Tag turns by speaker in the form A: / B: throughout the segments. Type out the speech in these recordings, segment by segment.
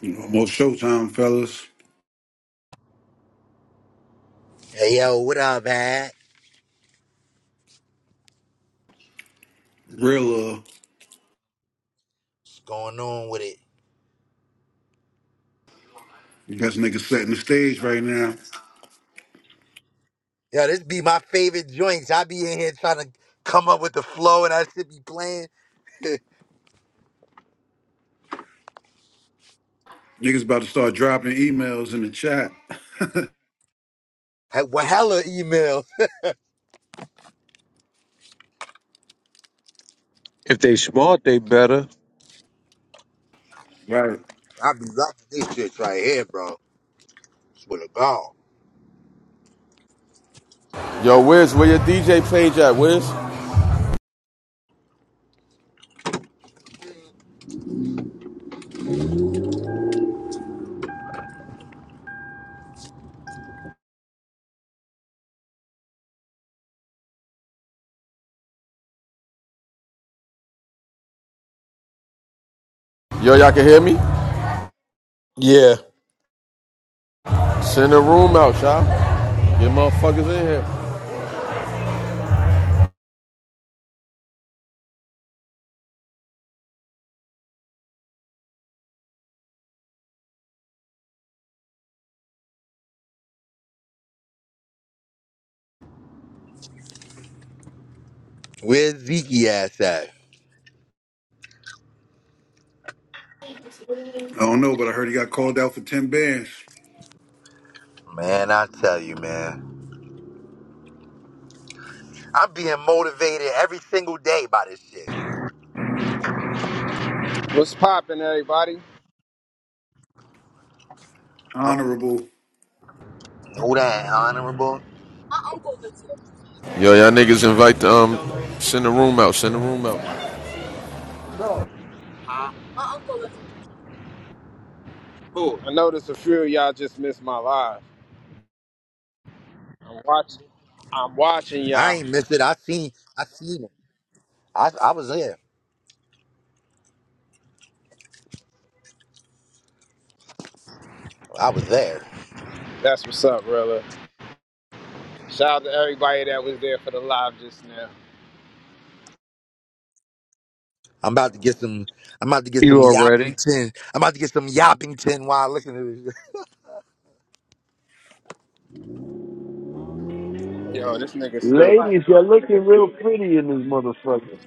A: You know, almost showtime, fellas.
B: Hey yo, what up, man?
A: Real love.
B: What's going on with it?
A: You guys niggas setting the stage right now.
B: Yo, this be my favorite joints. I be in here trying to come up with the flow, and I should be playing.
A: Niggas about to start dropping emails in the chat.
B: Hey, well, hella emails.
C: If they smart, they better.
A: Right.
B: I be rocking this shit right here, bro. Swear to God.
D: Yo, Wiz, where your DJ page at, Wiz? Yo, y'all can hear me?
E: Yeah.
D: Send the room out, y'all. Get motherfuckers in here.
B: Where's Zeke ass at?
A: I don't know, but I heard he got called out for 10 bands.
B: Man, I tell you, man. I'm being motivated every single day by this shit.
F: What's poppin', everybody?
B: Oh,
A: Honorable.
B: know that, honorable?
G: My uncle lives here.
D: Yo, y'all niggas invite the, um, send the room out, send the room out.
G: My uncle lives in Jersey. Who?
F: I noticed a few of y'all just missed my live. I'm watching. I'm watching
B: I
F: y'all.
B: ain't miss it. I seen, I seen it. I, I was there. I was there.
F: That's what's up, Rilla. Shout out to everybody that was there for the live just now.
B: I'm about to get some. I'm about to get
C: You
B: some
C: already.
B: Yappington. I'm about to get some Yappington while I listen to this.
F: Yo, this nigga stupid.
H: Ladies, you're looking real pretty in this motherfucker.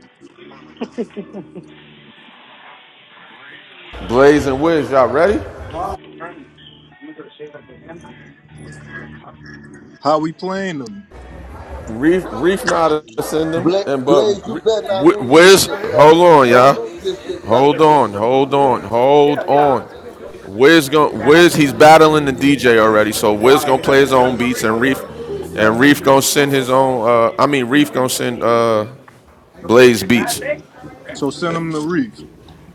D: Blaze and Wiz, y'all ready?
I: How we playing them?
D: Reef, Reef not to send them,
J: Blaze,
D: and but
J: Blaze, you better not lose this
D: Wiz,
J: shit, bro.
D: hold on,
J: Don't
D: y'all.
J: lose this shit, bro.
D: Hold
J: You-
D: on, hold on, hold on. Wiz gon' Wiz he's battling the DJ already, so Wiz gonna play his own beats and Reef and Reef gonna send his own uh I mean Reef gonna send uh Blaze Beats.
I: So send them to Reef.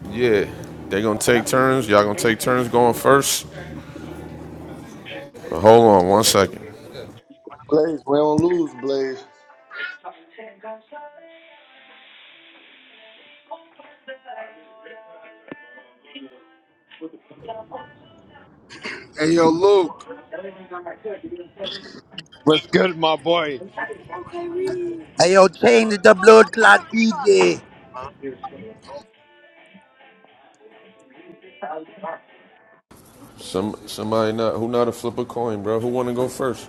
D: Yeah, they gonna take turns. Y'all gonna take turns going first. But hold on one second.
J: Blaze, we don't lose, Blaze.
G: Hey, yo, Luke.
F: What's good, my boy?
G: Okay, Reed.
B: Hey yo, change the
G: Look over, oh,
B: blood
G: look
B: clot
G: on the
B: DJ.
G: side.
D: Some somebody not who not to flip a coin, bro. Who wanna go first?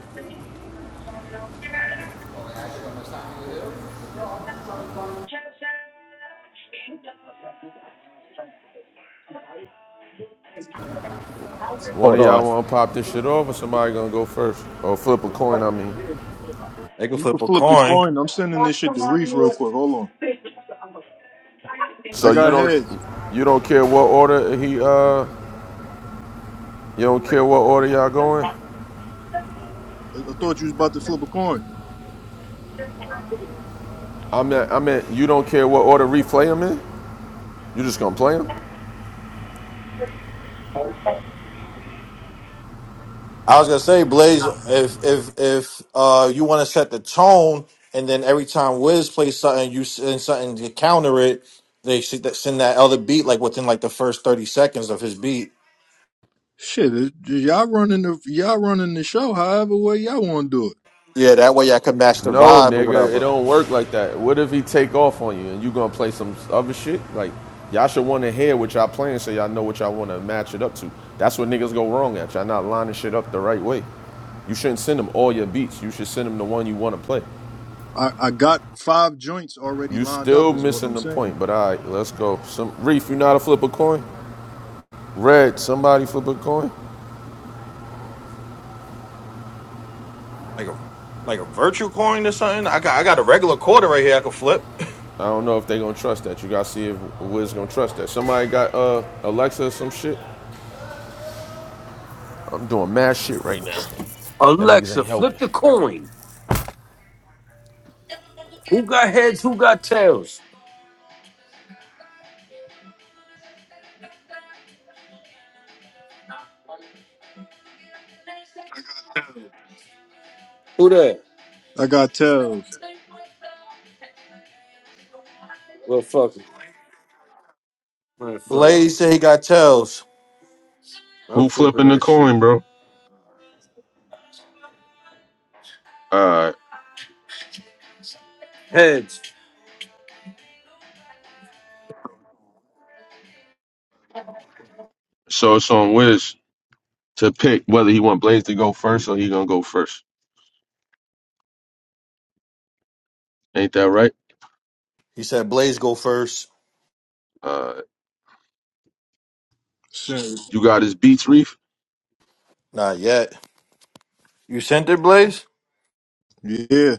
D: One
E: Hold
D: of
E: on.
D: y'all wanna pop this shit off, or somebody gonna go first? Or flip a coin, I mean.
E: They can
I: You can
E: flip a
I: flip the
E: coin.
I: coin. I'm sending this shit to Reef real quick. Hold on. I
D: So you
I: got
D: don't
I: heads.
D: you don't care what order he uh you don't care what order y'all going?
I: I, I thought you was about to flip a coin.
D: I mean I mean you don't care what order replay him in? You just gonna play him?
E: I was gonna say, Blaze, if if if uh you want to set the tone, and then every time Wiz plays something, you send something to counter it. They should that- send that other beat like within like the first thirty seconds of his beat.
I: Shit, it, y'all running the y'all running the show. However way y'all want to do it.
E: Yeah, that way I can match the
D: No,
E: vibe or
D: nigga, it
E: whatever.
D: don't work like that. What if he take off on you and you gonna play some other shit? Like, y'all should want to hear what y'all playing so y'all know what y'all want to match it up to. That's what niggas go wrong at. Y'all not lining shit up the right way. You shouldn't send them all your beats. You should send them the one you want to play.
I: I, I got five joints already
D: You
I: lined
D: still
I: up. Is what
D: missing
I: I'm
D: the
I: saying.
D: point, but all right, let's go. Some Reef, you know how to flip a coin? Red, somebody flip a coin?
E: Like a like a virtual coin or something. I got I got a regular quarter right here I can flip.
D: I don't know if they gonna trust that. You gotta see if Wiz gonna trust that. Somebody got uh Alexa or some shit? I'm doing mad shit right now. Y'all niggas
H: Alexa,
D: ain't helping.
H: flip the coin. Who got heads? Who got tails? Who that?
I: I got tails.
H: Well, fuck it. Man, fuck it.
E: Blaze said he got tells.
H: I'm
D: Who
H: flipping
D: flipping the
H: that shit.
D: coin, bro? Uh,
H: Heads.
D: so it's on Wiz to pick whether he want Blaze to go first or he gonna go first. Ain't that right?
E: He said Blaze go first.
D: Uh,
I: Shit.
D: you got his beats, Reef.
E: Not yet. You sent it, Blaze?
I: Yeah,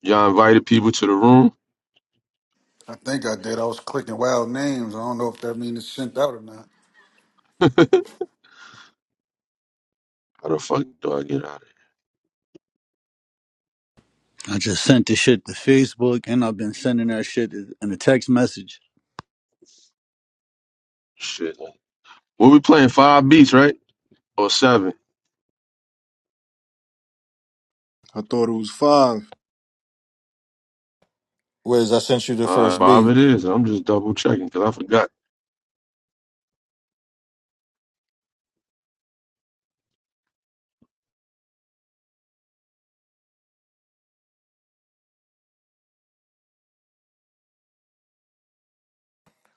D: Y'all invited people to the room.
A: I think I did. I was clicking wild names. I don't know if that means it's sent out or not.
D: How the fuck do I get out of here?
K: I just sent the shit to Facebook and I've been sending that shit in a text message
D: Shit. like- Well, we playing five beats, right? Or seven?
I: I thought it was five.
E: Wiz, I sent you the
D: Uh,
E: first
D: five
E: beat.
D: it is. I'm just double checking because I forgot.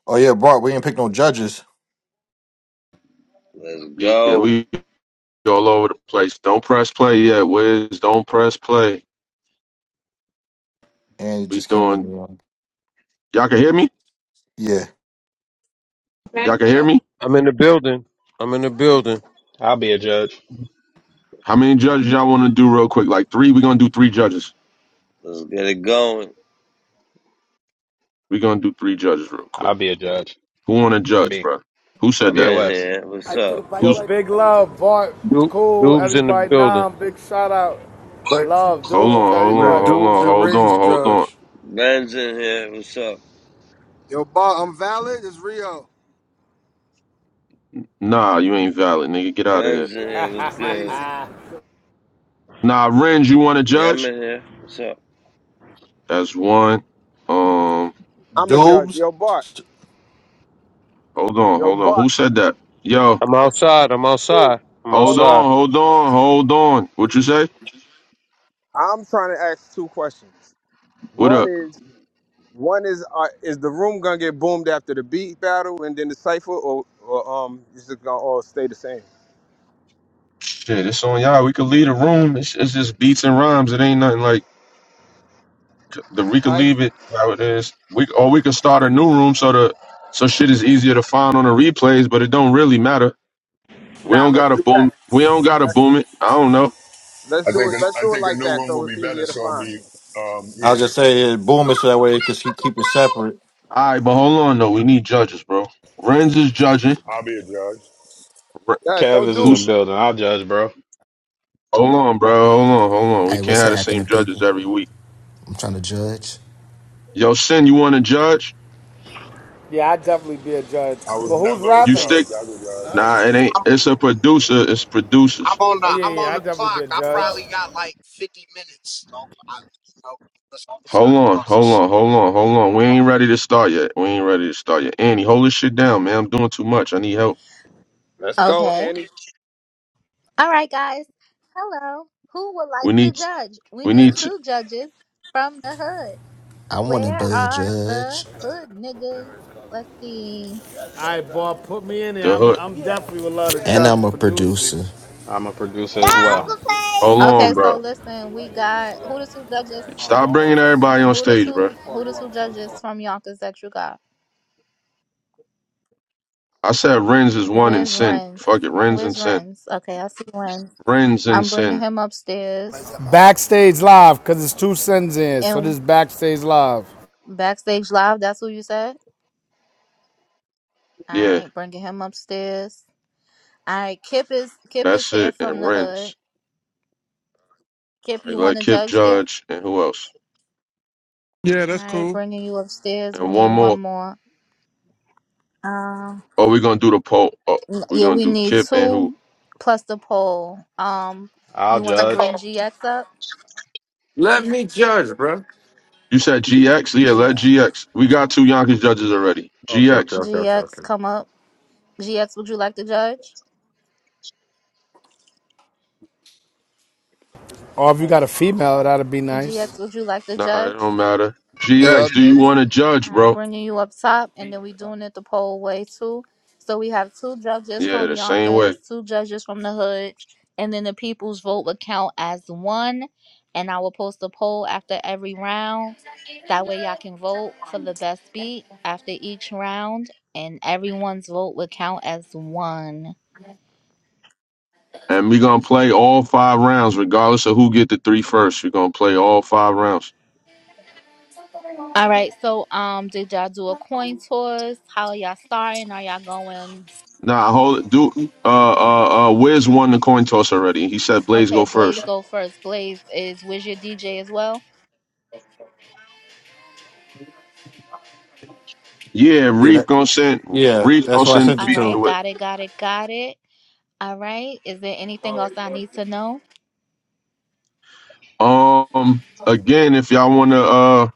E: Oh yeah, Bart, we didn't pick no judges,
L: Let's
D: Yeah, yeah,
L: go.
D: we all over the place. Don't press play yet, Wiz. Don't press play.
E: and it
D: We
E: just came in.
D: doing.
E: You know.
D: Y'all can hear me?
E: Yeah,
D: Y'all can hear me?
C: I'm in the building. I'm in the building.
M: I'll be a judge.
D: How many judges y'all want to do real quick? Like three? We're gonna do three judges.
L: Let's get it going.
D: We're gonna do three judges real quick.
M: I'll be a judge.
D: Who want to judge,
M: Me.
D: bro? Who said
L: I'm
D: that?
L: in
M: BOS.
L: here. What's
N: I took a
L: up?
N: bike Yo,
D: Who's?
N: ride. big love, Bart,
C: Doob,
N: cool,
C: Doob's in the
N: everybody.
C: building.
N: Nam, big shout out,
A: But
N: love,
D: Hold
N: dudes,
D: on, hold
A: we're
D: on,
N: everybody.
D: hold on,
A: dudes and
D: hold
A: rings,
D: on, hold on.
A: Judge.
L: Ben's in here. What's up?
G: Yo, Bob, I'm valid. It's Rio.
D: Nah, you ain't valid, nigga. Get out of here.
L: Ben's in here.
G: That's
L: What's good?
G: crazy.
D: Nah, Renz, you want to
L: Yeah, I'm
D: judge?
L: in here. What's up?
D: That's one. Um,
F: I'm a judge.
E: Dubes.
F: Yo, Bart.
D: hold on,
F: Yo,
D: hold on.
F: Bart.
D: Who said that? Yo,
C: I'm
F: It's,
C: outside. I'm
F: it's cool.
C: outside. I'm
D: hold
F: Oh,
C: outside.
D: on, hold on, hold on. What you say?
F: I'm trying to ask two questions.
D: What
F: One
D: up?
F: is, one is, uh, is the room gonna get boomed after the beat battle and then the cipher, or, or um, is it gonna all stay the same?
D: Shit, it's on y'all. We could leave the room. It's, it's just beats and rhymes. It ain't nothing like. c- the we
F: All
D: could
F: right.
D: leave it how it is. We or we could start a new room so the so shit is easier to find on the replays, but it don't really matter. We
F: Now
D: don't
F: let's
D: gotta
F: do that.
D: boom. We don't gotta
F: Let's,
D: boom it. I don't know.
F: let's
O: I
F: do
O: think
F: it.
O: a,
F: Let's
O: I
F: do it
O: think a
F: like
O: new
F: that,
O: one will
F: so
O: be
F: it's
O: better.
F: easier to
O: So it'll
F: find.
O: be um,
E: I
O: yeah.
E: was gonna say uh, Boom is that way because he keep it separate.
D: All right, but hold on though. We need judges, bro. Renz is judging.
O: I'll be a judge.
D: Re-
F: Yeah,
M: Kev
F: don't
M: is in the
F: do.
D: Who's
M: building. I'll judge, bro.
D: hold on, bro? Hold on, hold on. We
P: Hey,
D: can't
P: what's
D: have the
P: happening,
D: same judges
P: people?
D: every week.
P: I'm trying to judge.
D: Yo, Sin, you want to judge?
N: Yeah, I definitely be a judge.
O: I
N: But
O: was
N: who's
O: never a
D: You
N: rapping?
D: stick?
O: judge. I was a judge.
D: Nah, it ain't. It's a producer. It's producers.
Q: I'm on the
N: Oh yeah,
Q: I'm
N: yeah,
Q: on
N: I
Q: the
N: definitely be
Q: clock.
N: a
Q: I
N: judge. All
Q: probably got like 50 minutes. So I, you know, let's get some
D: Hold on, hold
Q: calls
D: on, hold on, hold on. We ain't ready to start yet. We ain't ready to start yet. Annie, hold this shit down, man. I'm doing too much. I need help.
F: Let's go,
R: Okay.
F: Annie.
R: All right, guys. Hello. Who would like
D: We
R: to
D: need,
R: judge? We
D: we
R: need
D: need to,
R: two judges from the hood.
P: I want to be
R: Where
P: a
R: are the
P: judge,
R: hood niggas? Let's see.
N: right, Bart, put me in there.
D: the
N: I'm,
D: hood.
N: I'm yeah. definitely would love to
P: and
N: judge
P: I'm a producer.
N: producers.
M: I'm a producer
J: Yeah,
M: as
N: Huh?
M: well.
J: Uncle Blaze.
D: Hold
R: Okay,
D: on,
R: so
D: bro.
R: listen, we got who the two judges?
D: Stop bringing everybody on
R: Who the
D: stage, bro.
R: two? Who the two judges from Yonkers that you got?
D: I said Renz is one in
R: Where's
D: sin.
R: Renz?
D: Fuck it, Renz and
R: Where's
D: sin.
R: Renz? Okay, I see Renz.
D: Renz and
R: I'm bringing
D: sin.
R: him upstairs
N: Backstage live, cause it's two sins in, so this
R: and
N: is backstage live.
R: backstage live. That's who you said. All
D: Yeah,
R: right, bringing him upstairs. All right, Kip is Kip is
D: that's
R: here
D: it. And
R: from the hood.
D: Renz. All
R: Kip, you
D: right,
R: want
D: let
R: to
D: Kip
R: judge Kip?
D: judge and who else?
S: Yeah,
R: All
S: that's
R: right,
S: cool.
R: bringing you upstairs. We
D: And
R: need
D: one
R: one
D: more.
R: more. Um,
D: Oh, we gonna do the poll. Oh,
R: n-
D: we
R: yeah,
D: gonna
R: we
D: do
R: need
D: Kip and who?
R: two plus the poll. Um,
M: I'll
R: you want to
M: judge.
R: bring GX up?
H: Let me judge, bruh.
D: You said GX. Yeah, let
R: Yeah,
D: GX. We got two Yonkers judges already.
H: Okay,
D: GX.
H: okay, okay, okay,
R: GX,
H: okay.
R: come up. GX, would you like to judge?
N: Or if you got a female, that'd be nice.
R: GX, would you like to
D: Nah, it
R: judge?
D: don't matter.
T: Yeah,
D: GX, do you
T: just
D: want to
R: All
D: judge,
R: right,
D: bro?
R: bringing you up top, and then we doing it the poll way too. So we have two judges
D: Yeah,
R: from
D: the same way.
R: Yonkers, two judges from the hood, and then the people's vote would count as one. And I will post a poll after every round. That way, y'all can vote for the best beat after each round, and everyone's vote would count as one.
D: And we gonna play all five rounds, regardless of who get the three We're gonna play all five rounds.
R: All right. So, um, did y'all do a coin toss? How y'all starting? Are y'all going?
D: Nah, hold it. Do uh uh uh Wiz won the coin toss already. He said Blaze
R: Okay,
D: go
R: Blaze
D: first.
R: go first. Blaze is with your DJ as well.
D: Yeah,
E: Yeah,
D: Reef
E: that,
D: gonna send
E: yeah,
D: Reef
E: that's
D: gonna
E: why I
D: send the
E: sent
R: All
E: it
D: beats
E: to.
R: right,
D: to it.
R: got it, got it, got it. All right, is there anything else I need to know?
D: Um again, if y'all wanna uh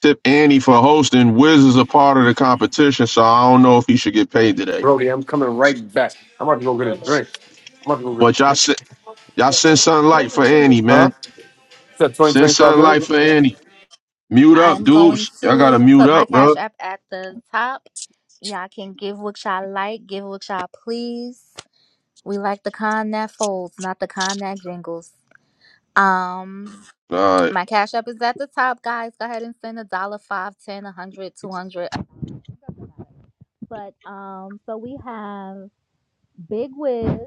D: tip Annie for hosting, Wiz is a part of the competition, so I don't know if he should get paid today.
H: Brody, I'm coming right back. I'm about to go get a drink. I'm about to go get
D: But
H: a
D: y'all
H: drink.
D: send y'all send something light for Annie, man.
H: Huh? Is that 20
D: Send
H: 25
D: sunlight
H: minutes?
D: for Annie. Mute up,
R: I'm going
D: dudes. Y'all gotta
R: to
D: mute
R: put my
D: up,
R: Cash
D: bro.
R: App at the top. Y'all can give what y'all like, give what y'all please. We like the kind that folds, not the kind that jingles. Um,
D: All right.
R: my Cash App is at the top, guys. Go ahead and send a dollar, five, ten, a hundred, two hundred. But um, so we have Big Wiz.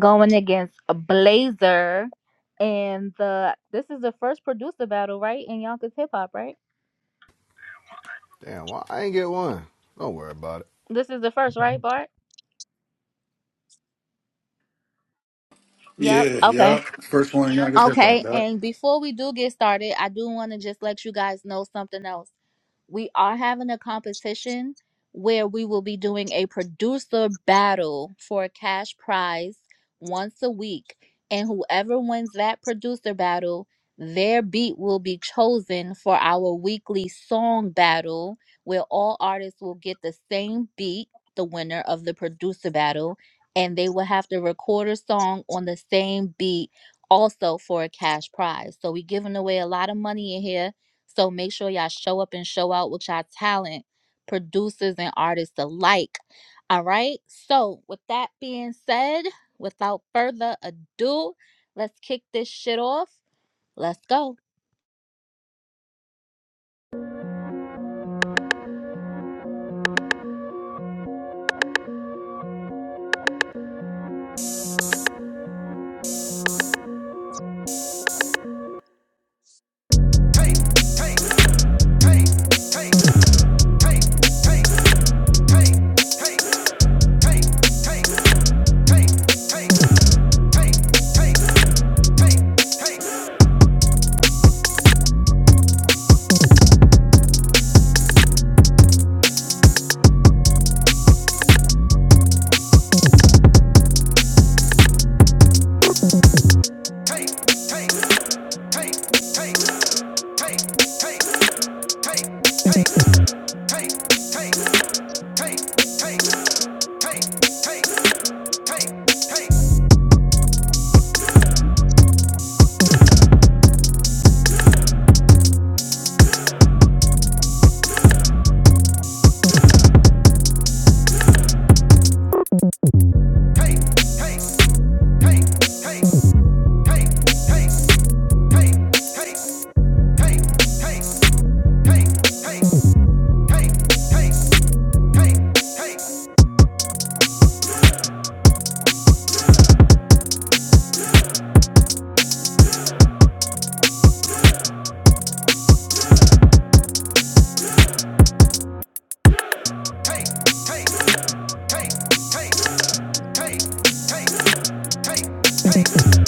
R: going against a Blazer, and the this is the first producer battle, right? In Yonkers hip hop, right?
U: Damn, why I ain't get one? Don't worry about it.
R: This is the first, right, Bart? Yep.
A: Yeah,
R: Okay.
A: yeah. First one y'all niggas hit about
R: Okay,
A: that.
R: and before we do get started, I do want to just let you guys know something else. We are having a competition where we will be doing a producer battle for a cash prize once a week. And whoever wins that producer battle, their beat will be chosen for our weekly song battle, where all artists will get the same beat, the winner of the producer battle, and they will have to record a song on the same beat also for a cash prize. So we giving away a lot of money in here. So make sure y'all show up and show out with y'all talent, producers and artists alike. All right. So with that being said, without further ado, let's kick this shit off. Let's go.
V: Nobody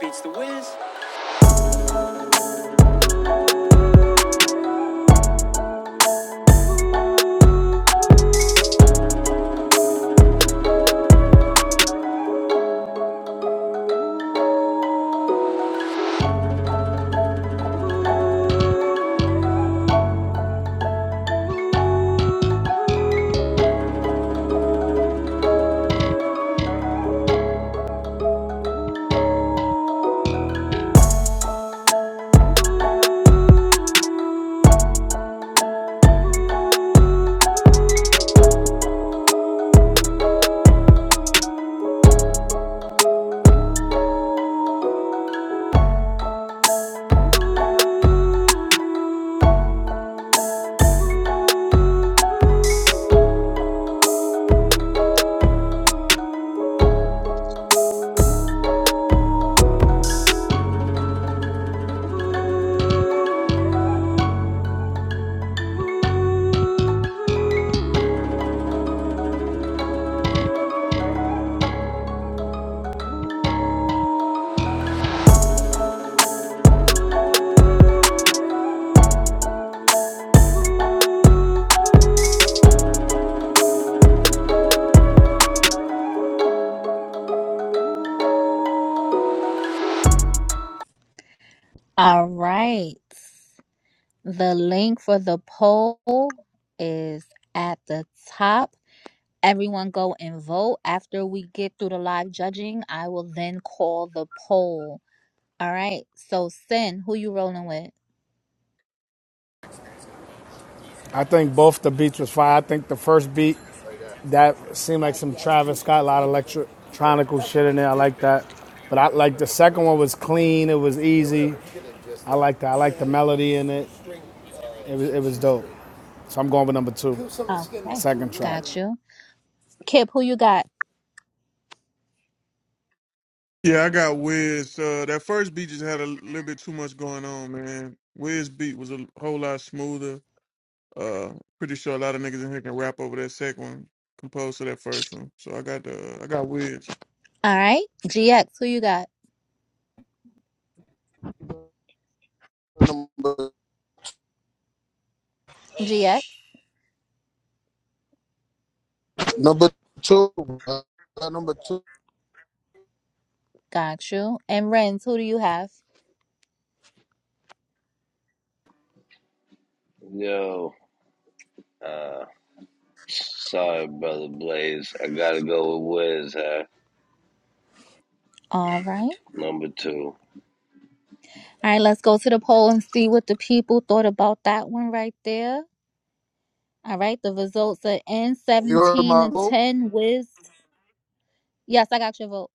V: beats the whiz.
R: All right. The link for the poll is at the top. Everyone go and vote. After we get through the live judging, I will then call the poll. All right. So Sin, who you rolling with?
N: I think both the beats was fire. I think the first beat that seemed like some Travis Scott, a lot of electronical shit in there. I like that. But I like the second one was clean. It was easy. I like that. I like the melody in it. It was it was dope. So I'm going with number two,
R: Okay.
N: second track.
R: Got you. Kip, who you got?
S: Yeah, I got Wiz. Uh, that first beat just had a little bit too much going on, man. Wiz beat was a whole lot smoother. Uh, pretty sure a lot of niggas in here can rap over that second one, composed to that first one. So I got the I got Wiz.
R: All right. GX, who you got?
T: number
R: GX,
T: number two. uh, number two.
R: got you. And Renz, who do you have?
L: Yo, uh, sorry, brother Blaze. I gotta go with Wiz, huh?
R: All right.
L: Number two.
R: All right, let's go to the poll and see what the people thought about that one right there. All right, the results are in
T: You heard
R: 17
T: my
R: to
T: vote.
R: 10 with Yes, I got your vote.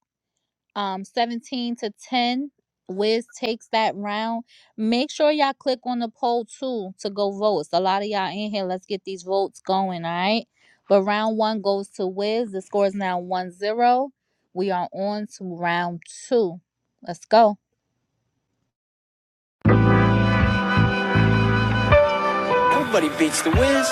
R: um 17 to 10 wiz takes that round make sure y'all click on the poll too to go vote it's a lot of y'all in here let's get these votes going all right but round one goes to wiz the score is now one zero. we are on to round two let's go
V: Nobody beats the whiz.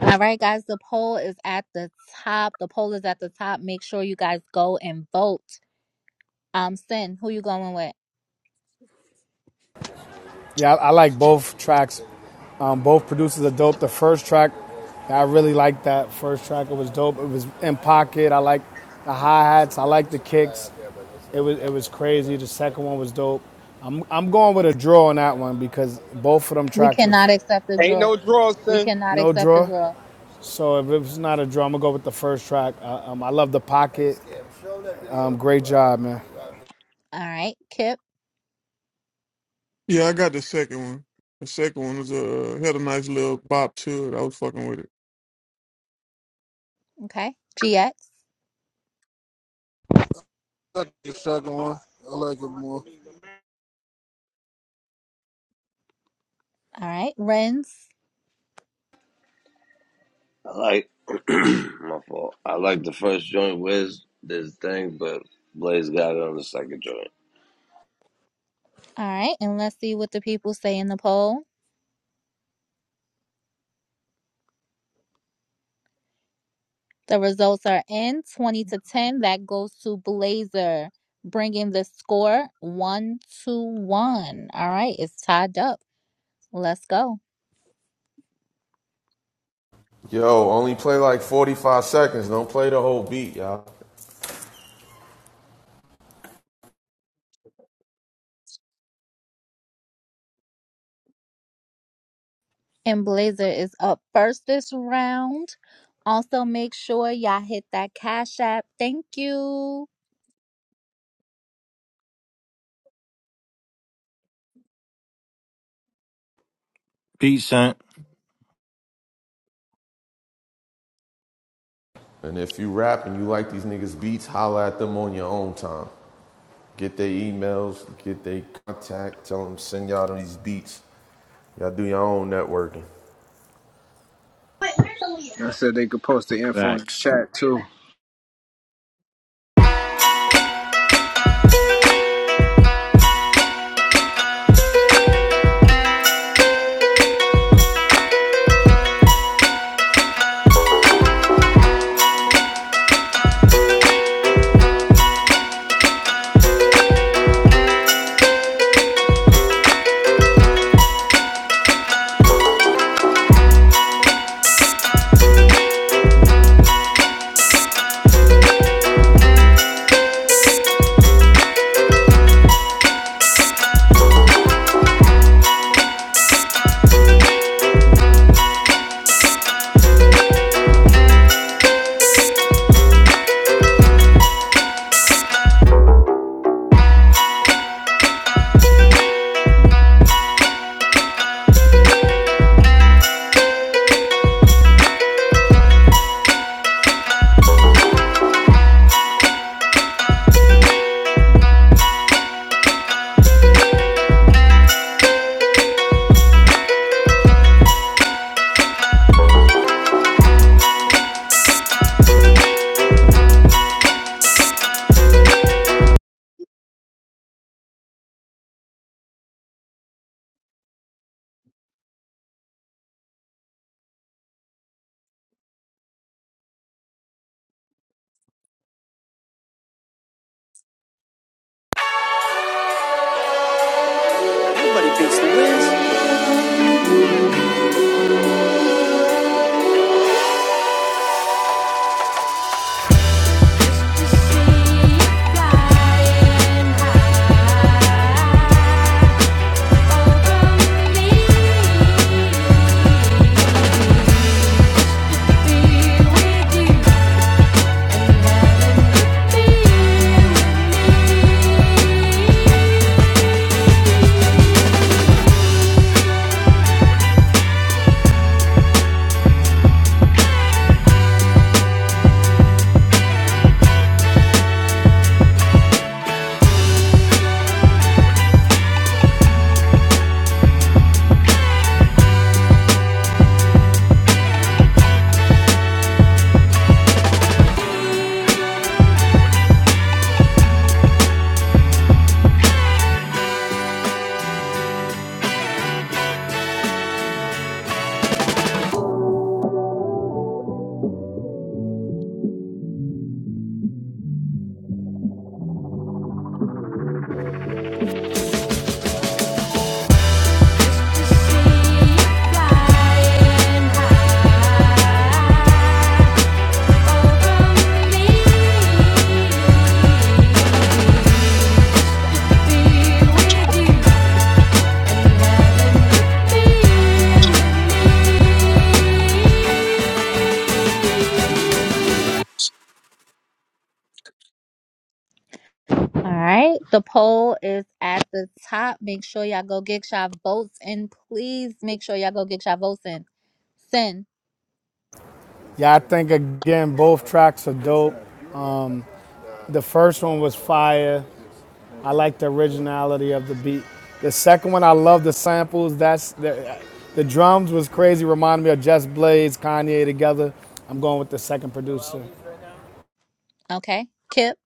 R: all right guys the poll is at the top the poll is at the top make sure you guys go and vote um sin who you going with
N: Yeah, I, I like both tracks. Um, both producers are dope. The first track, I really liked that first track. It was dope. It was in pocket. I like the hi hats. I like the kicks. It was it was crazy. The second one was dope. I'm I'm going with a draw on that one because both of them
R: we
N: tracks was
R: cannot accept the
F: Ain't
R: draw
F: no draws,
R: we
F: son.
R: cannot
N: no
R: accept the
N: draw.
R: draw
N: So if it's not a draw, I'm gonna go with the first track. Uh, um, I love the pocket. Um, great job, man.
R: all right kip
S: Yeah, I got the second one. The second one was uh had a nice little bop to it. I was fucking with it.
R: Okay. GX.
T: That's the second one. I like it more.
R: All right. Ren's.
L: I like, my fault. I like the first joint, Wiz, this thing, but Blaze got it on the second joint.
R: All right. And let's see what the people say in the poll. The results are in 20 to 10. That goes to Blazer, bringing the score 1 to 1. All right. It's tied up. Let's go.
D: Yo, only play like 45 seconds. Don't play the whole beat, y'all.
R: And Blazer is up first this round. Also, make sure y'all hit that Cash App. Thank you.
E: Pete sent.
D: And if you rap and you like these niggas' beats, holla at them on your own time. Get their emails, get their contact, tell them send y'all these beats. Y'all do your own networking.
F: I said they could post the info in the chat too.
V: Nobody beats the whiz. Thank you
R: All right. The poll is at the top. Make sure y'all go get y'all votes in. Please make sure y'all go get y'all votes in. Sin.
N: Yeah, I think again both tracks are dope. The first one was fire. I like the originality of the beat. The second one, I love the samples. That's the the drums was crazy. Reminded me of Jess Blades, Kanye together. I'm going with the second producer.
R: Okay. Kip.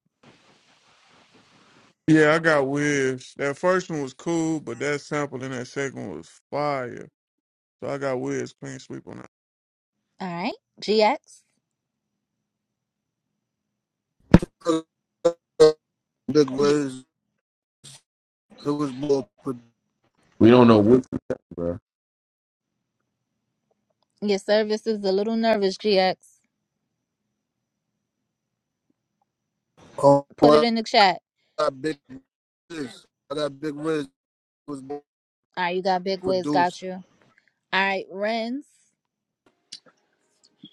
S: Yeah, I got Wiz. That first one was cool, but that sample in that second one was fire. So I got Wiz clean sweep on that.
R: All right. GX.
T: Big Wiz. It was more. pro-
D: We don't know what to say, bro.
R: your service is a little nervous, GX.
T: Um,
R: Put it
T: I
R: in the chat.
T: got big Wiz. I got big Wiz. It was more
R: All right. You got Big Wiz.
T: produced.
R: Got you. All right. Renz.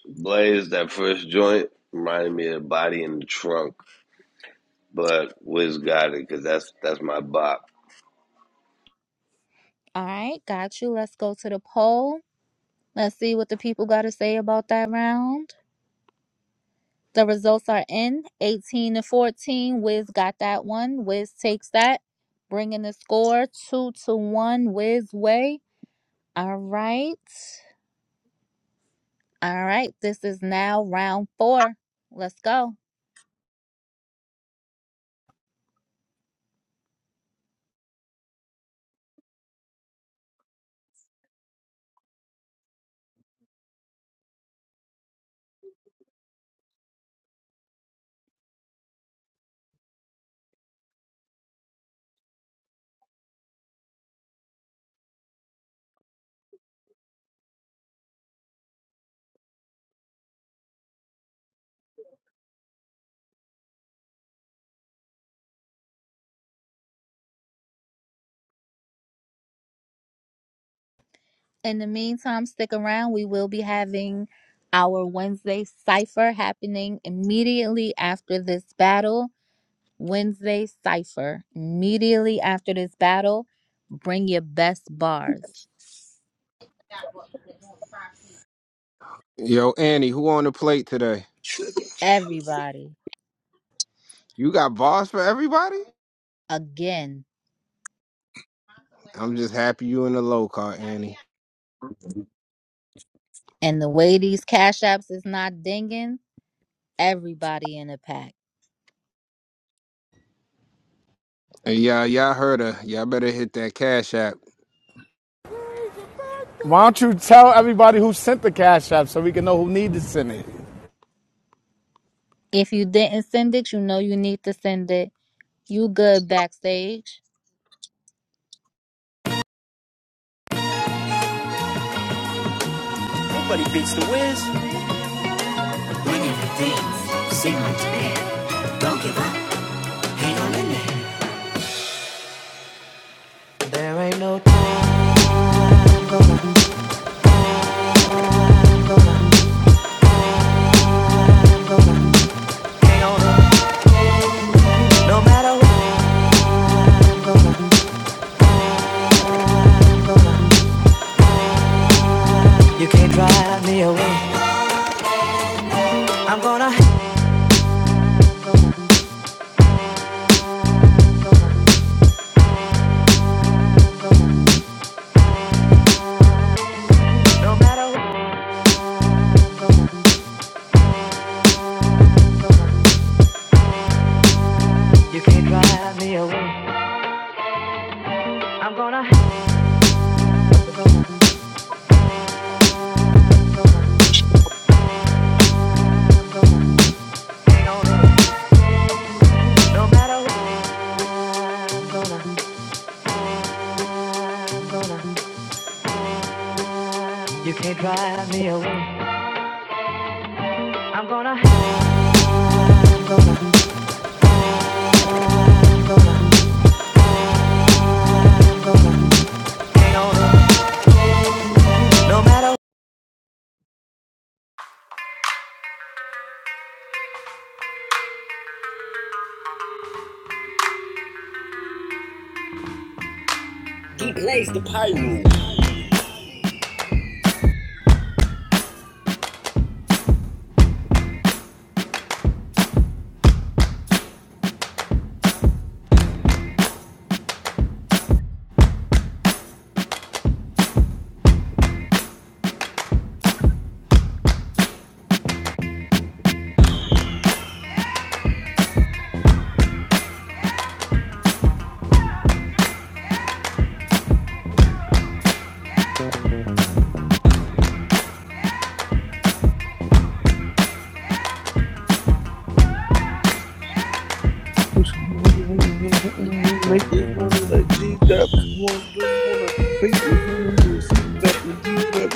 L: Blaze, that first joint reminded me of Body in the Trunk, but Wiz got it because that's, that's my bop.
R: All right. Got you. Let's go to the poll. Let's see what the people got to say about that round. The results are in 18 to 14. Wiz got that one. Wiz takes that, bringing the score two to one Wiz way. All right. All right. This is now round four. Let's go. In the meantime, stick around. We will be having our Wednesday cipher happening immediately after this battle. Wednesday cipher immediately after this battle. Bring your best bars,
F: Yo, Annie, who on the plate today?
R: everybody.
F: You got bars for everybody?
R: Again.
F: I'm just happy you in the low car, Annie.
Q: and shit.
R: And the way these cash apps is not dinging, everybody in the pack.
F: Hey, y'all, y'all heard her. Y'all better hit that cash app.
N: Why don't you tell everybody who sent the cash app so we can know who needed to send it?
R: If you didn't send it, you know you need to send it. You good backstage.
V: Nobody beats the whiz. Winning the things. Sigma to man. Don't give up. Hang on in there. There ain't no hang No matter what, you can't drive me away. I'm gonna. No matter what, you can't drive me away. I'm gonna No matter what, you can't drive me away. I'm gonna hang on, hang on. He blazed the pyro.
W: Make this money like G Dap. Wanna do you wanna fake this on him and see that and D. Dap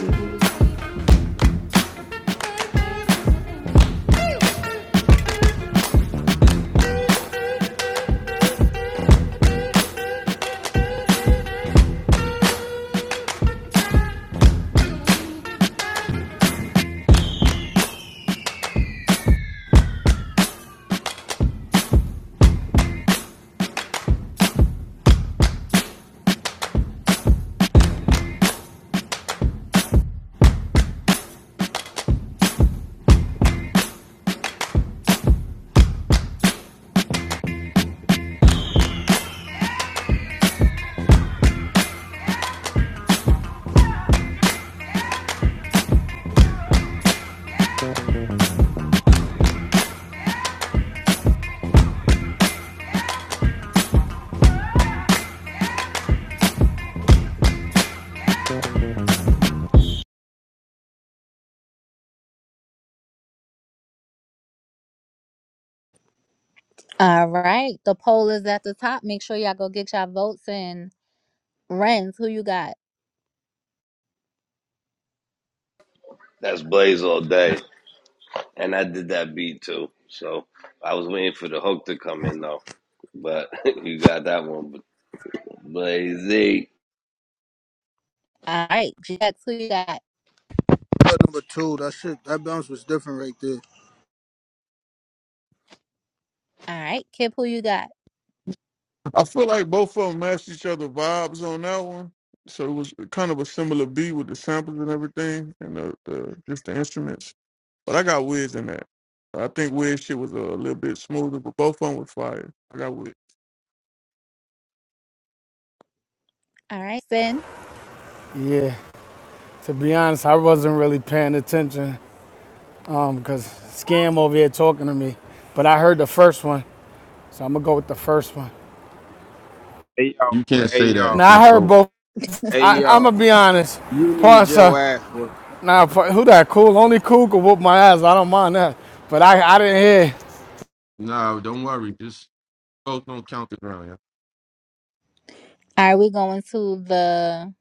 R: All right. The poll is at the top. Make sure y'all go get y'all votes in. Renz, who you got?
L: That's Blaze all day. And I did that beat too. So I was waiting for the hook to come in though. But you got that one. Blaze,
R: All right. Jax, who you got?
T: But number two, that shit, that bounce was different right there.
R: All right. Kip, who you got?
S: I feel like both of them matched each other vibes on that one. So it was kind of a similar beat with the samples and everything and the, the just the instruments. But I got Wiz in that. I think Wiz shit was a little bit smoother, but both of them was fire. I got Wiz.
R: All right. Sin.
N: Yeah, to be honest, I wasn't really paying attention um, because Scam over here talking to me. But I heard the first one, so I'm gonna go with the first one.
F: Hey yo,
D: You can't
F: hey
D: say that
F: yo,
D: and
N: Now
D: can't
N: I heard
D: vote.
N: both.
F: hey
N: I, I'm gonna
F: yo.
N: be honest,
F: You need
N: Parsa.
F: your ass work.
N: Now who that cool? Only cool could whoop my ass. I don't mind that. But I, I didn't hear.
D: Nah, don't worry. Just votes don't count the ground, yeah.
R: All right. We going to the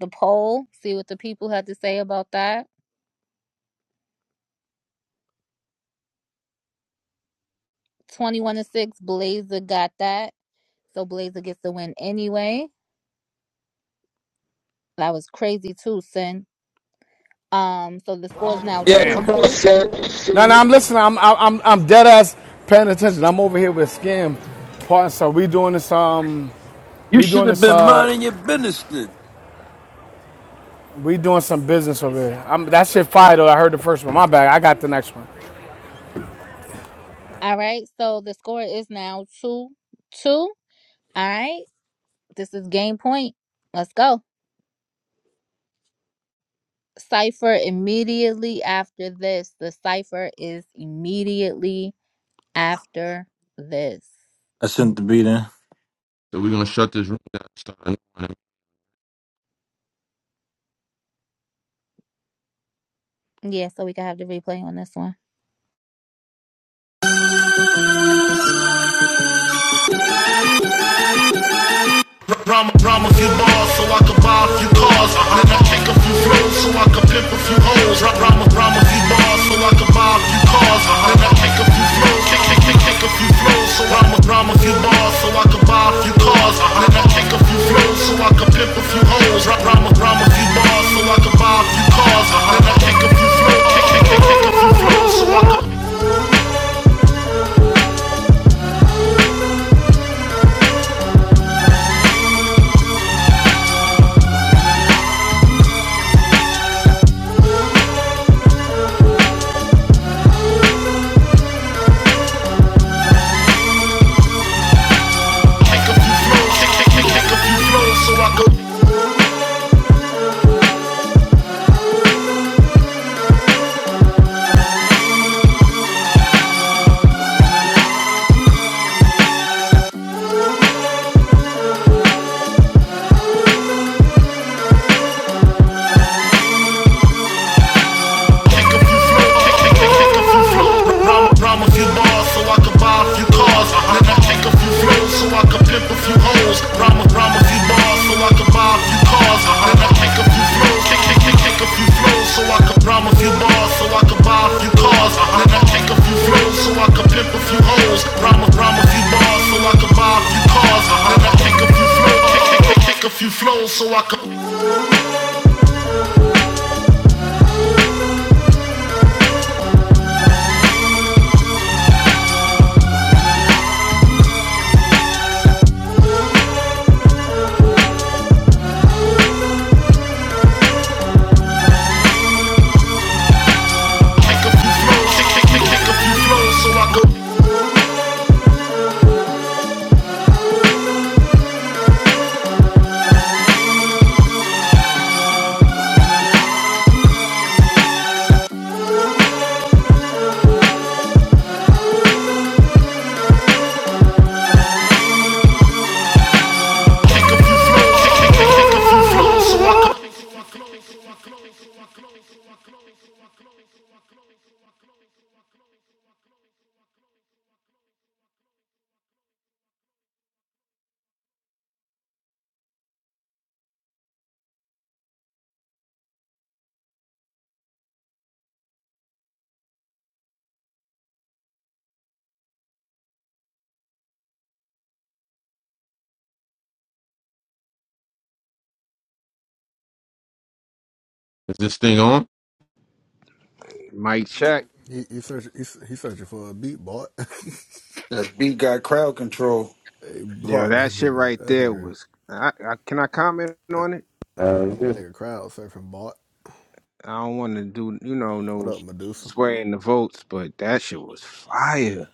R: the poll. See what the people have to say about that. 21 to 6. Blazer got that. So Blazer gets the win anyway. That was crazy too, Sin. Um, so the score is now
X: Yeah,
R: two
N: Damn.
X: come on,
R: two.
X: Sen.
N: No, no, I'm listening. I'm, I'm, I'm dead ass paying attention. I'm over here with Scam. Part so we doing this um
H: You
N: we
H: should
N: doing
H: have
N: this
H: been
N: uh
H: minding your business then.
N: We doing some business over here. I'm, that shit fire though. I heard the first one. My bad. I got the next one.
R: All right. So the score is now two two. All right. This is game point. Let's go. Cipher immediately after this. The cipher is immediately after this.
E: I sent the beat in.
D: So we're gonna shut this room down. Start a new one.
R: Yeah, so we can have the replay on this one.
V: Rhyme, rhyme a few bars so I can buy a few cars. Then I kick a few flows so I can pimp a few hoes. Rhyme, rhyme, rhyme a few bars so I can buy a few cars. Then I kick a few flows, kick, kick, kick, kick a few flows. So rhyme, rhyme a few bars so I can buy a few cars. Then I kick a few flows so I can pimp a few hoes. Rhyme, rhyme, rhyme a few bars so I can buy a few cars. Then I kick a few flows, kick, kick, kick, kick a few flows so I can. Take a few flows, take, take, take, take a few flows so I could take a few flows, take, take, take, take a few flows. Rhyme, rhyme a few bars so I could buy a few cars. Uh-huh. Then I take a few flows so I could pimp a few hoes. Rhyme, rhyme a few bars so I could buy a few cars. Uh-huh. Then I take a few flows, take, take, take, take a few flows so I could rhyme a few bars so I could buy a few cars. Uh-huh. Then I take a few flows so I could pimp a few hoes. Rhyme, rhyme a few bars so I could buy a few cars. Uh-huh. Then I take a few flows, take, take, take, take a few flows so I could. Kick a few flows, kick, kick, kick, kick a few flows, so I go kick a few flows, kick, kick, kick, kick a few flows.
D: Is this thing on?
F: Mike check.
U: He he search he, he searching for a beat bot.
A: That beat got crowd control.
U: hey
F: Yo,
U: bot
F: that
U: that
F: shit
U: nigga
F: right
U: that
F: there
U: nigga
F: was. I, I, can I comment
U: that,
F: on it?
U: that nigga crowd surfing bot.
F: I don't want to do, you know,
U: What
F: no
U: up, Medusa?
F: swearing the votes, but that shit was fire.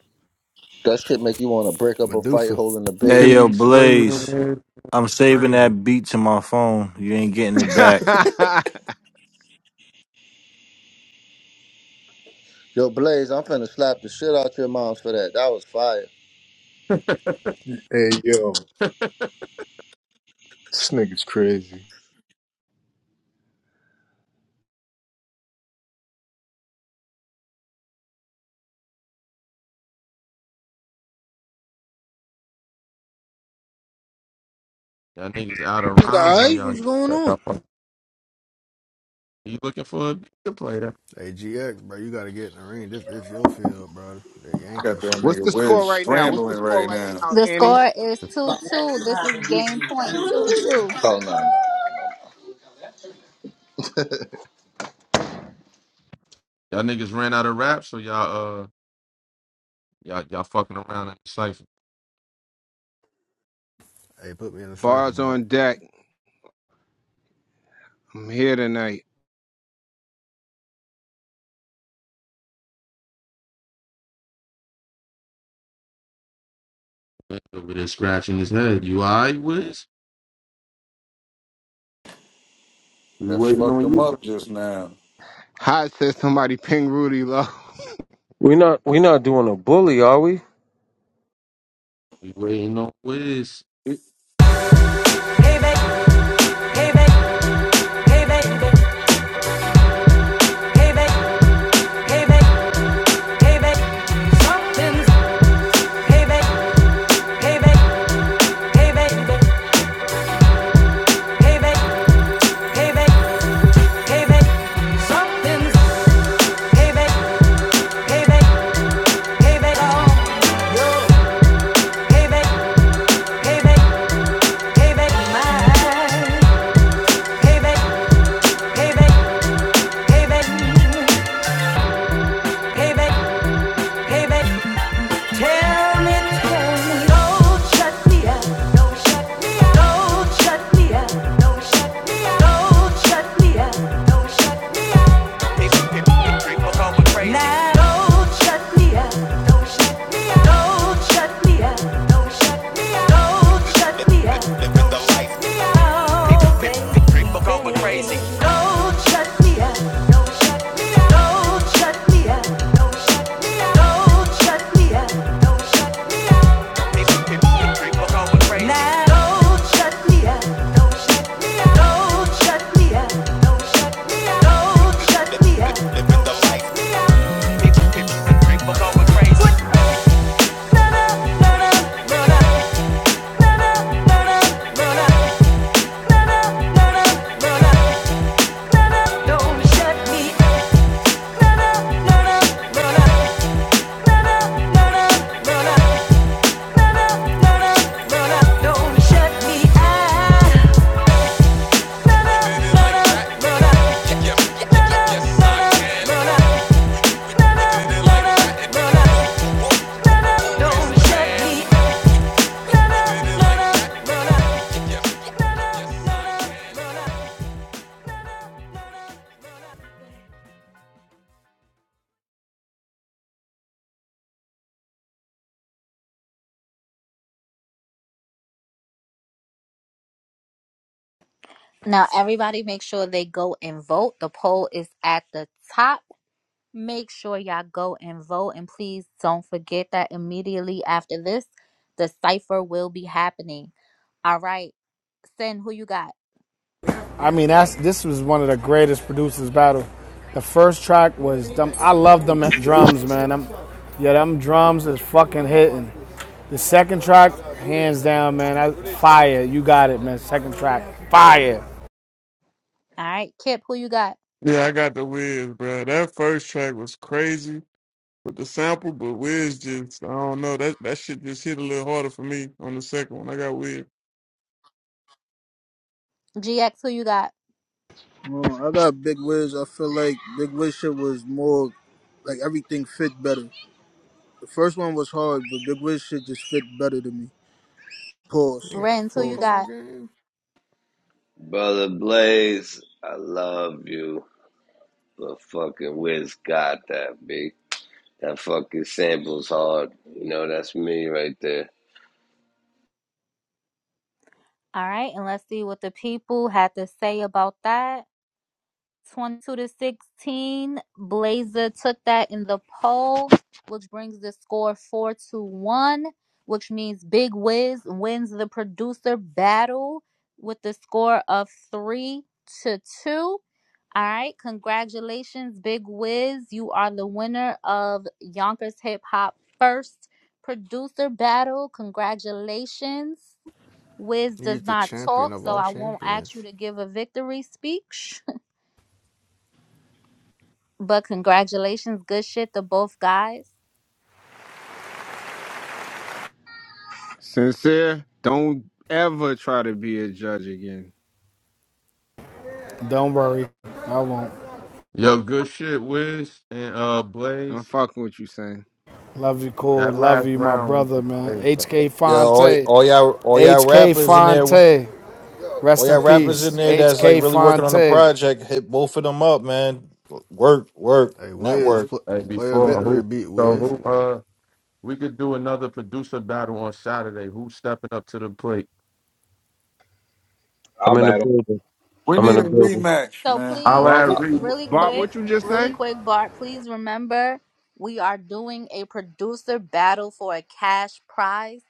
J: That shit make you want to break up a fight
U: Medusa.
J: holding a
D: You
E: Hey
D: can
J: baby.
E: yo,
D: be
E: Blaze,
D: swayed.
E: I'm saving
D: crazy.
E: that beat to my phone. You ain't getting it back.
J: Yo, Blaze, I'm finna slap the shit out your mom for that. That was fire.
I: Hey yo, this nigga's crazy.
D: Y'all niggas out of
T: Nigga,
D: rhymes on
T: alright,
D: y'all.
T: what's going on?
D: y'all fuck- You looking for a beat to play that?
U: Hey, GX, bro, you gotta get in the ring. This this your field, bro. That Yankee
A: Got that
U: shit.
F: What's
A: nigga
F: the score
A: Wiz
F: right now? What's the
A: scrambling
F: score
A: right
F: right
A: now.
F: now,
R: The
F: Annie?
R: score is two two. This is game point two two.
J: Oh no.
D: Y'all niggas ran out of rap, so y'all uh y'all y'all fucking around in the cipher
U: Hey, put me in the cipher,
F: Bars
U: bot.
F: on deck. I'm here tonight.
D: over there scratching his head. You alright, Wiz? We
A: That
D: waiting
A: fucked
D: on
A: him
D: you.
A: up
D: bro.
A: just now.
F: Hot says somebody ping Rudy low.
C: We not we not doing a bully, are we?
D: We waiting on Wiz.
A: He,
V: hey, Payback, hey, payback, hey, payback, Don't shut me up. Don't shut me out. Don't shut me up.
R: Now everybody make sure they go and vote. The poll is at the top Make sure y'all go and vote. And please don't forget that immediately after this, the cipher will be happening. All right. Sin, who you got?
N: I mean, that's this was one of the greatest producers battle. The first track was them. I love them drums, man. Them, yeah, them drums is fucking hitting. The second track, hands down, man. That, fire. You got it, man. Second track, fire.
R: All right. Kip, who you got?
S: Yeah, I got the Wiz, bro. That first track was crazy with the sample, but Wiz just, I don't know, that, that shit just hit a little harder for me on the second one. I got Wiz.
R: GX, who you got?
T: Uh, I got big Wiz. I feel like big Wiz shit was more like everything fit better. The first one was hard, but Big Wiz shit just fit better to me.
U: You
T: Pause.
U: got a
R: Renz, who you
T: Pause.
U: football
R: got?
U: game?
L: brother Blaze, I love you. But fucking Wiz got that, B. That fucking sample's hard. You know, that's me right there.
R: All right. And let's see what the people had to say about that. 22 to 16. Blazer took that in the poll, which brings the score 4 to 1, which means Big Wiz wins the producer battle with the score of 3 to 2. All right, congratulations, Big Wiz. You are the winner of Yonkers Hip Hop First Producer Battle. Congratulations. Wiz does
U: He's the
R: not
U: champion
R: talk,
U: of
R: so
U: all
R: I won't ask you
U: champions.
R: to give a victory speech. But congratulations, good shit to both guys.
F: Sincere, don't ever try to be a judge again.
N: Don't worry, I won't.
D: Yo, good shit, Wiz and uh
F: I'm
D: Blaze.
F: fucking with you, saying.
N: Love you, cool.
D: That
N: Love
D: last
N: you, my
D: round was
N: brother,
D: the
N: man.
D: Blaze. though.
N: HK
E: Yeah, all,
N: Fonte.
E: all y'all, all y'all
N: HK
E: rappers in there, all
N: Fonte. Rest in
E: y'all rappers in
N: peace.
E: there that's like
N: HK
E: really working on the
N: Fonte.
E: project. Hit both of them up, man. Work, work,
U: Hey, Wiz,
E: network.
U: pl-
D: Like
U: player
D: before,
U: victory
D: who?
U: beat
D: So
U: Wiz.
D: who? Uh, we could do another producer battle on Saturday. Who's stepping up to the plate?
M: I'll
C: I'm in the
M: battle.
C: building.
A: We
C: I'm in
A: need
C: the
A: a
C: building.
A: rematch,
R: So
A: man.
D: I'll
R: please,
F: Bob,
D: add
M: I-
D: Reed.
R: really
F: Bob,
R: quick,
F: what you just
R: really
F: say?
R: quick, Bart, please remember we are doing a producer battle for a cash prize.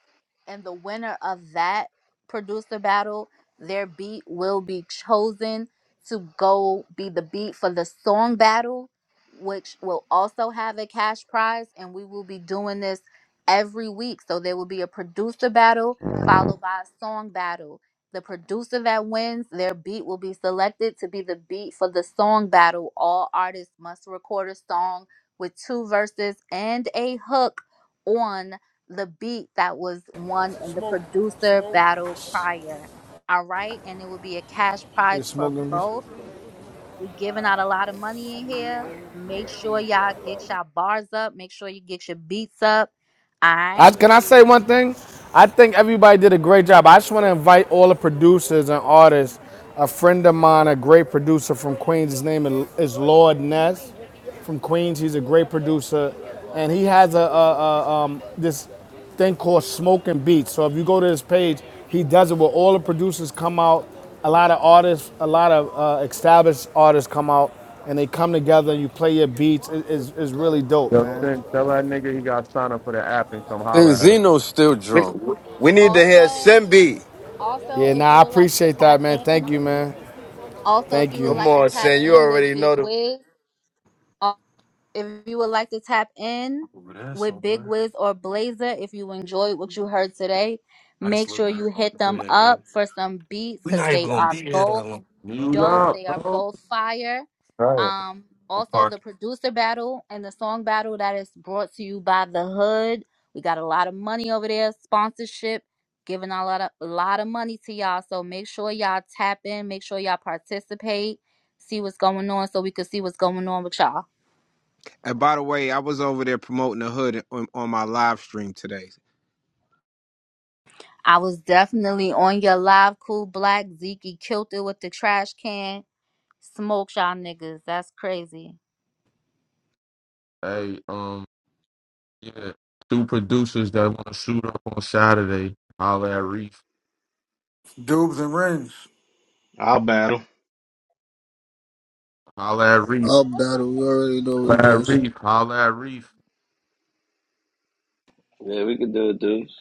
R: And the winner of that producer battle, their beat will be chosen to go be the beat for the song battle, which will also have a cash prize. And we will be doing this every week. So there will be a producer battle followed by a song battle The producer that wins their beat will be selected to be the beat for the song battle. All artists must record a song with two verses and a hook on the beat that was won in the producer battle prior. All right, and it will be a cash
N: You're
R: prize for
N: smoking, bitch.
R: both. we giving out a lot of money in here. Make sure y'all get your bars up. Make sure you get your beats up. All
N: I,
R: right.
N: can I say one thing? I think everybody did a great job. I just want to invite all the producers and artists. A friend of mine, a great producer from Queens, his name is- is Lord Ness from Queens. He's a great producer, and he has a, a, a um, this thing called Smoking Beats. So if you go to his page, he does it where all the producers come out, a lot of artists, a lot of uh, established artists come out, and they come together and you play your beats. It, it's, it's really dope,
D: Yo,
N: man.
D: Sin, tell that nigga he got to sign up for the app and come holler
H: Then
D: at him.
H: Zeno's still
X: We,
H: drunk.
X: we need to hear
R: Also,
X: Simbi.
R: also,
N: Yeah,
R: if you
N: nah, I
R: would like to
N: appreciate
R: tap
N: that, man. Thank
R: in
N: you, man.
R: Also, if
N: Thank
R: you would
N: you.
X: Come
R: like to
X: on,
R: tap
X: Sen. You
R: in with
X: already
R: Big
X: know the
R: Wiz, uh, if you would like to tap in with Big Wiz or Blazer, if you enjoyed what you heard today, make sure you hit them up for some beats because they are both
D: Mute
R: dope.
D: up,
R: They are
D: bro.
R: both fire. Um, also the producer battle and the song battle that is brought to you by the Hood. We got a lot of money over there, sponsorship, giving a lot of a lot of money to y'all. So make sure y'all tap in, make sure y'all participate, see what's going on, so we could see what's going on with y'all.
F: And by the way, I was over there promoting the hood on, on my live stream today.
R: I was definitely on your live, cool black. Zeke killed it with the trash can. Smoke y'all niggas. That's crazy.
D: Hey, um, yeah. Two producers that want to shoot up on Saturday. Holler at Reef.
A: Dubes and rings.
M: I'll battle.
D: Holler at Reef.
T: Up battle. You already know what
D: Holler
T: it
D: at
T: is.
D: Reef. Holler at Reef.
L: Yeah, we can do it, dudes.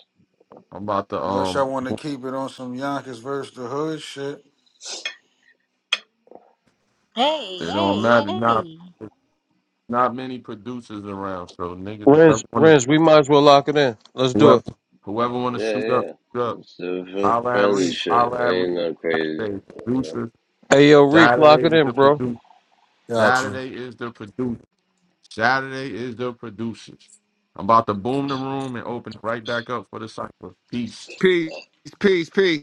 D: I'm about to,
A: Unless
D: um,
A: y'all want to keep it on some Yonkers versus the Hood shit.
R: Hey,
D: it don't
R: hey,
D: matter. Not,
R: hey.
D: not many producers around, so niggas,
C: Renz,
D: whoever want to,
C: Renz, we might as well lock it in. Let's do
D: whoever,
C: it.
D: whoever want to
L: Yeah,
D: shoot up,
L: yeah.
D: shoot up.
L: It's the
D: Holler at
L: friendly
D: Reef.
L: shit.
D: Holler
L: It
D: at
L: Ain't
D: Reef.
L: no crazy.
D: Hey,
L: Yeah.
D: producers.
C: Hey yo, Reef, lock
D: Saturday
C: it
D: is the
C: in, bro.
D: producer.
E: Gotcha.
D: Saturday is the producer. Saturday is the producers. I'm about to boom the room and open it right back up for the cycle. Peace.
F: Peace, peace, peace.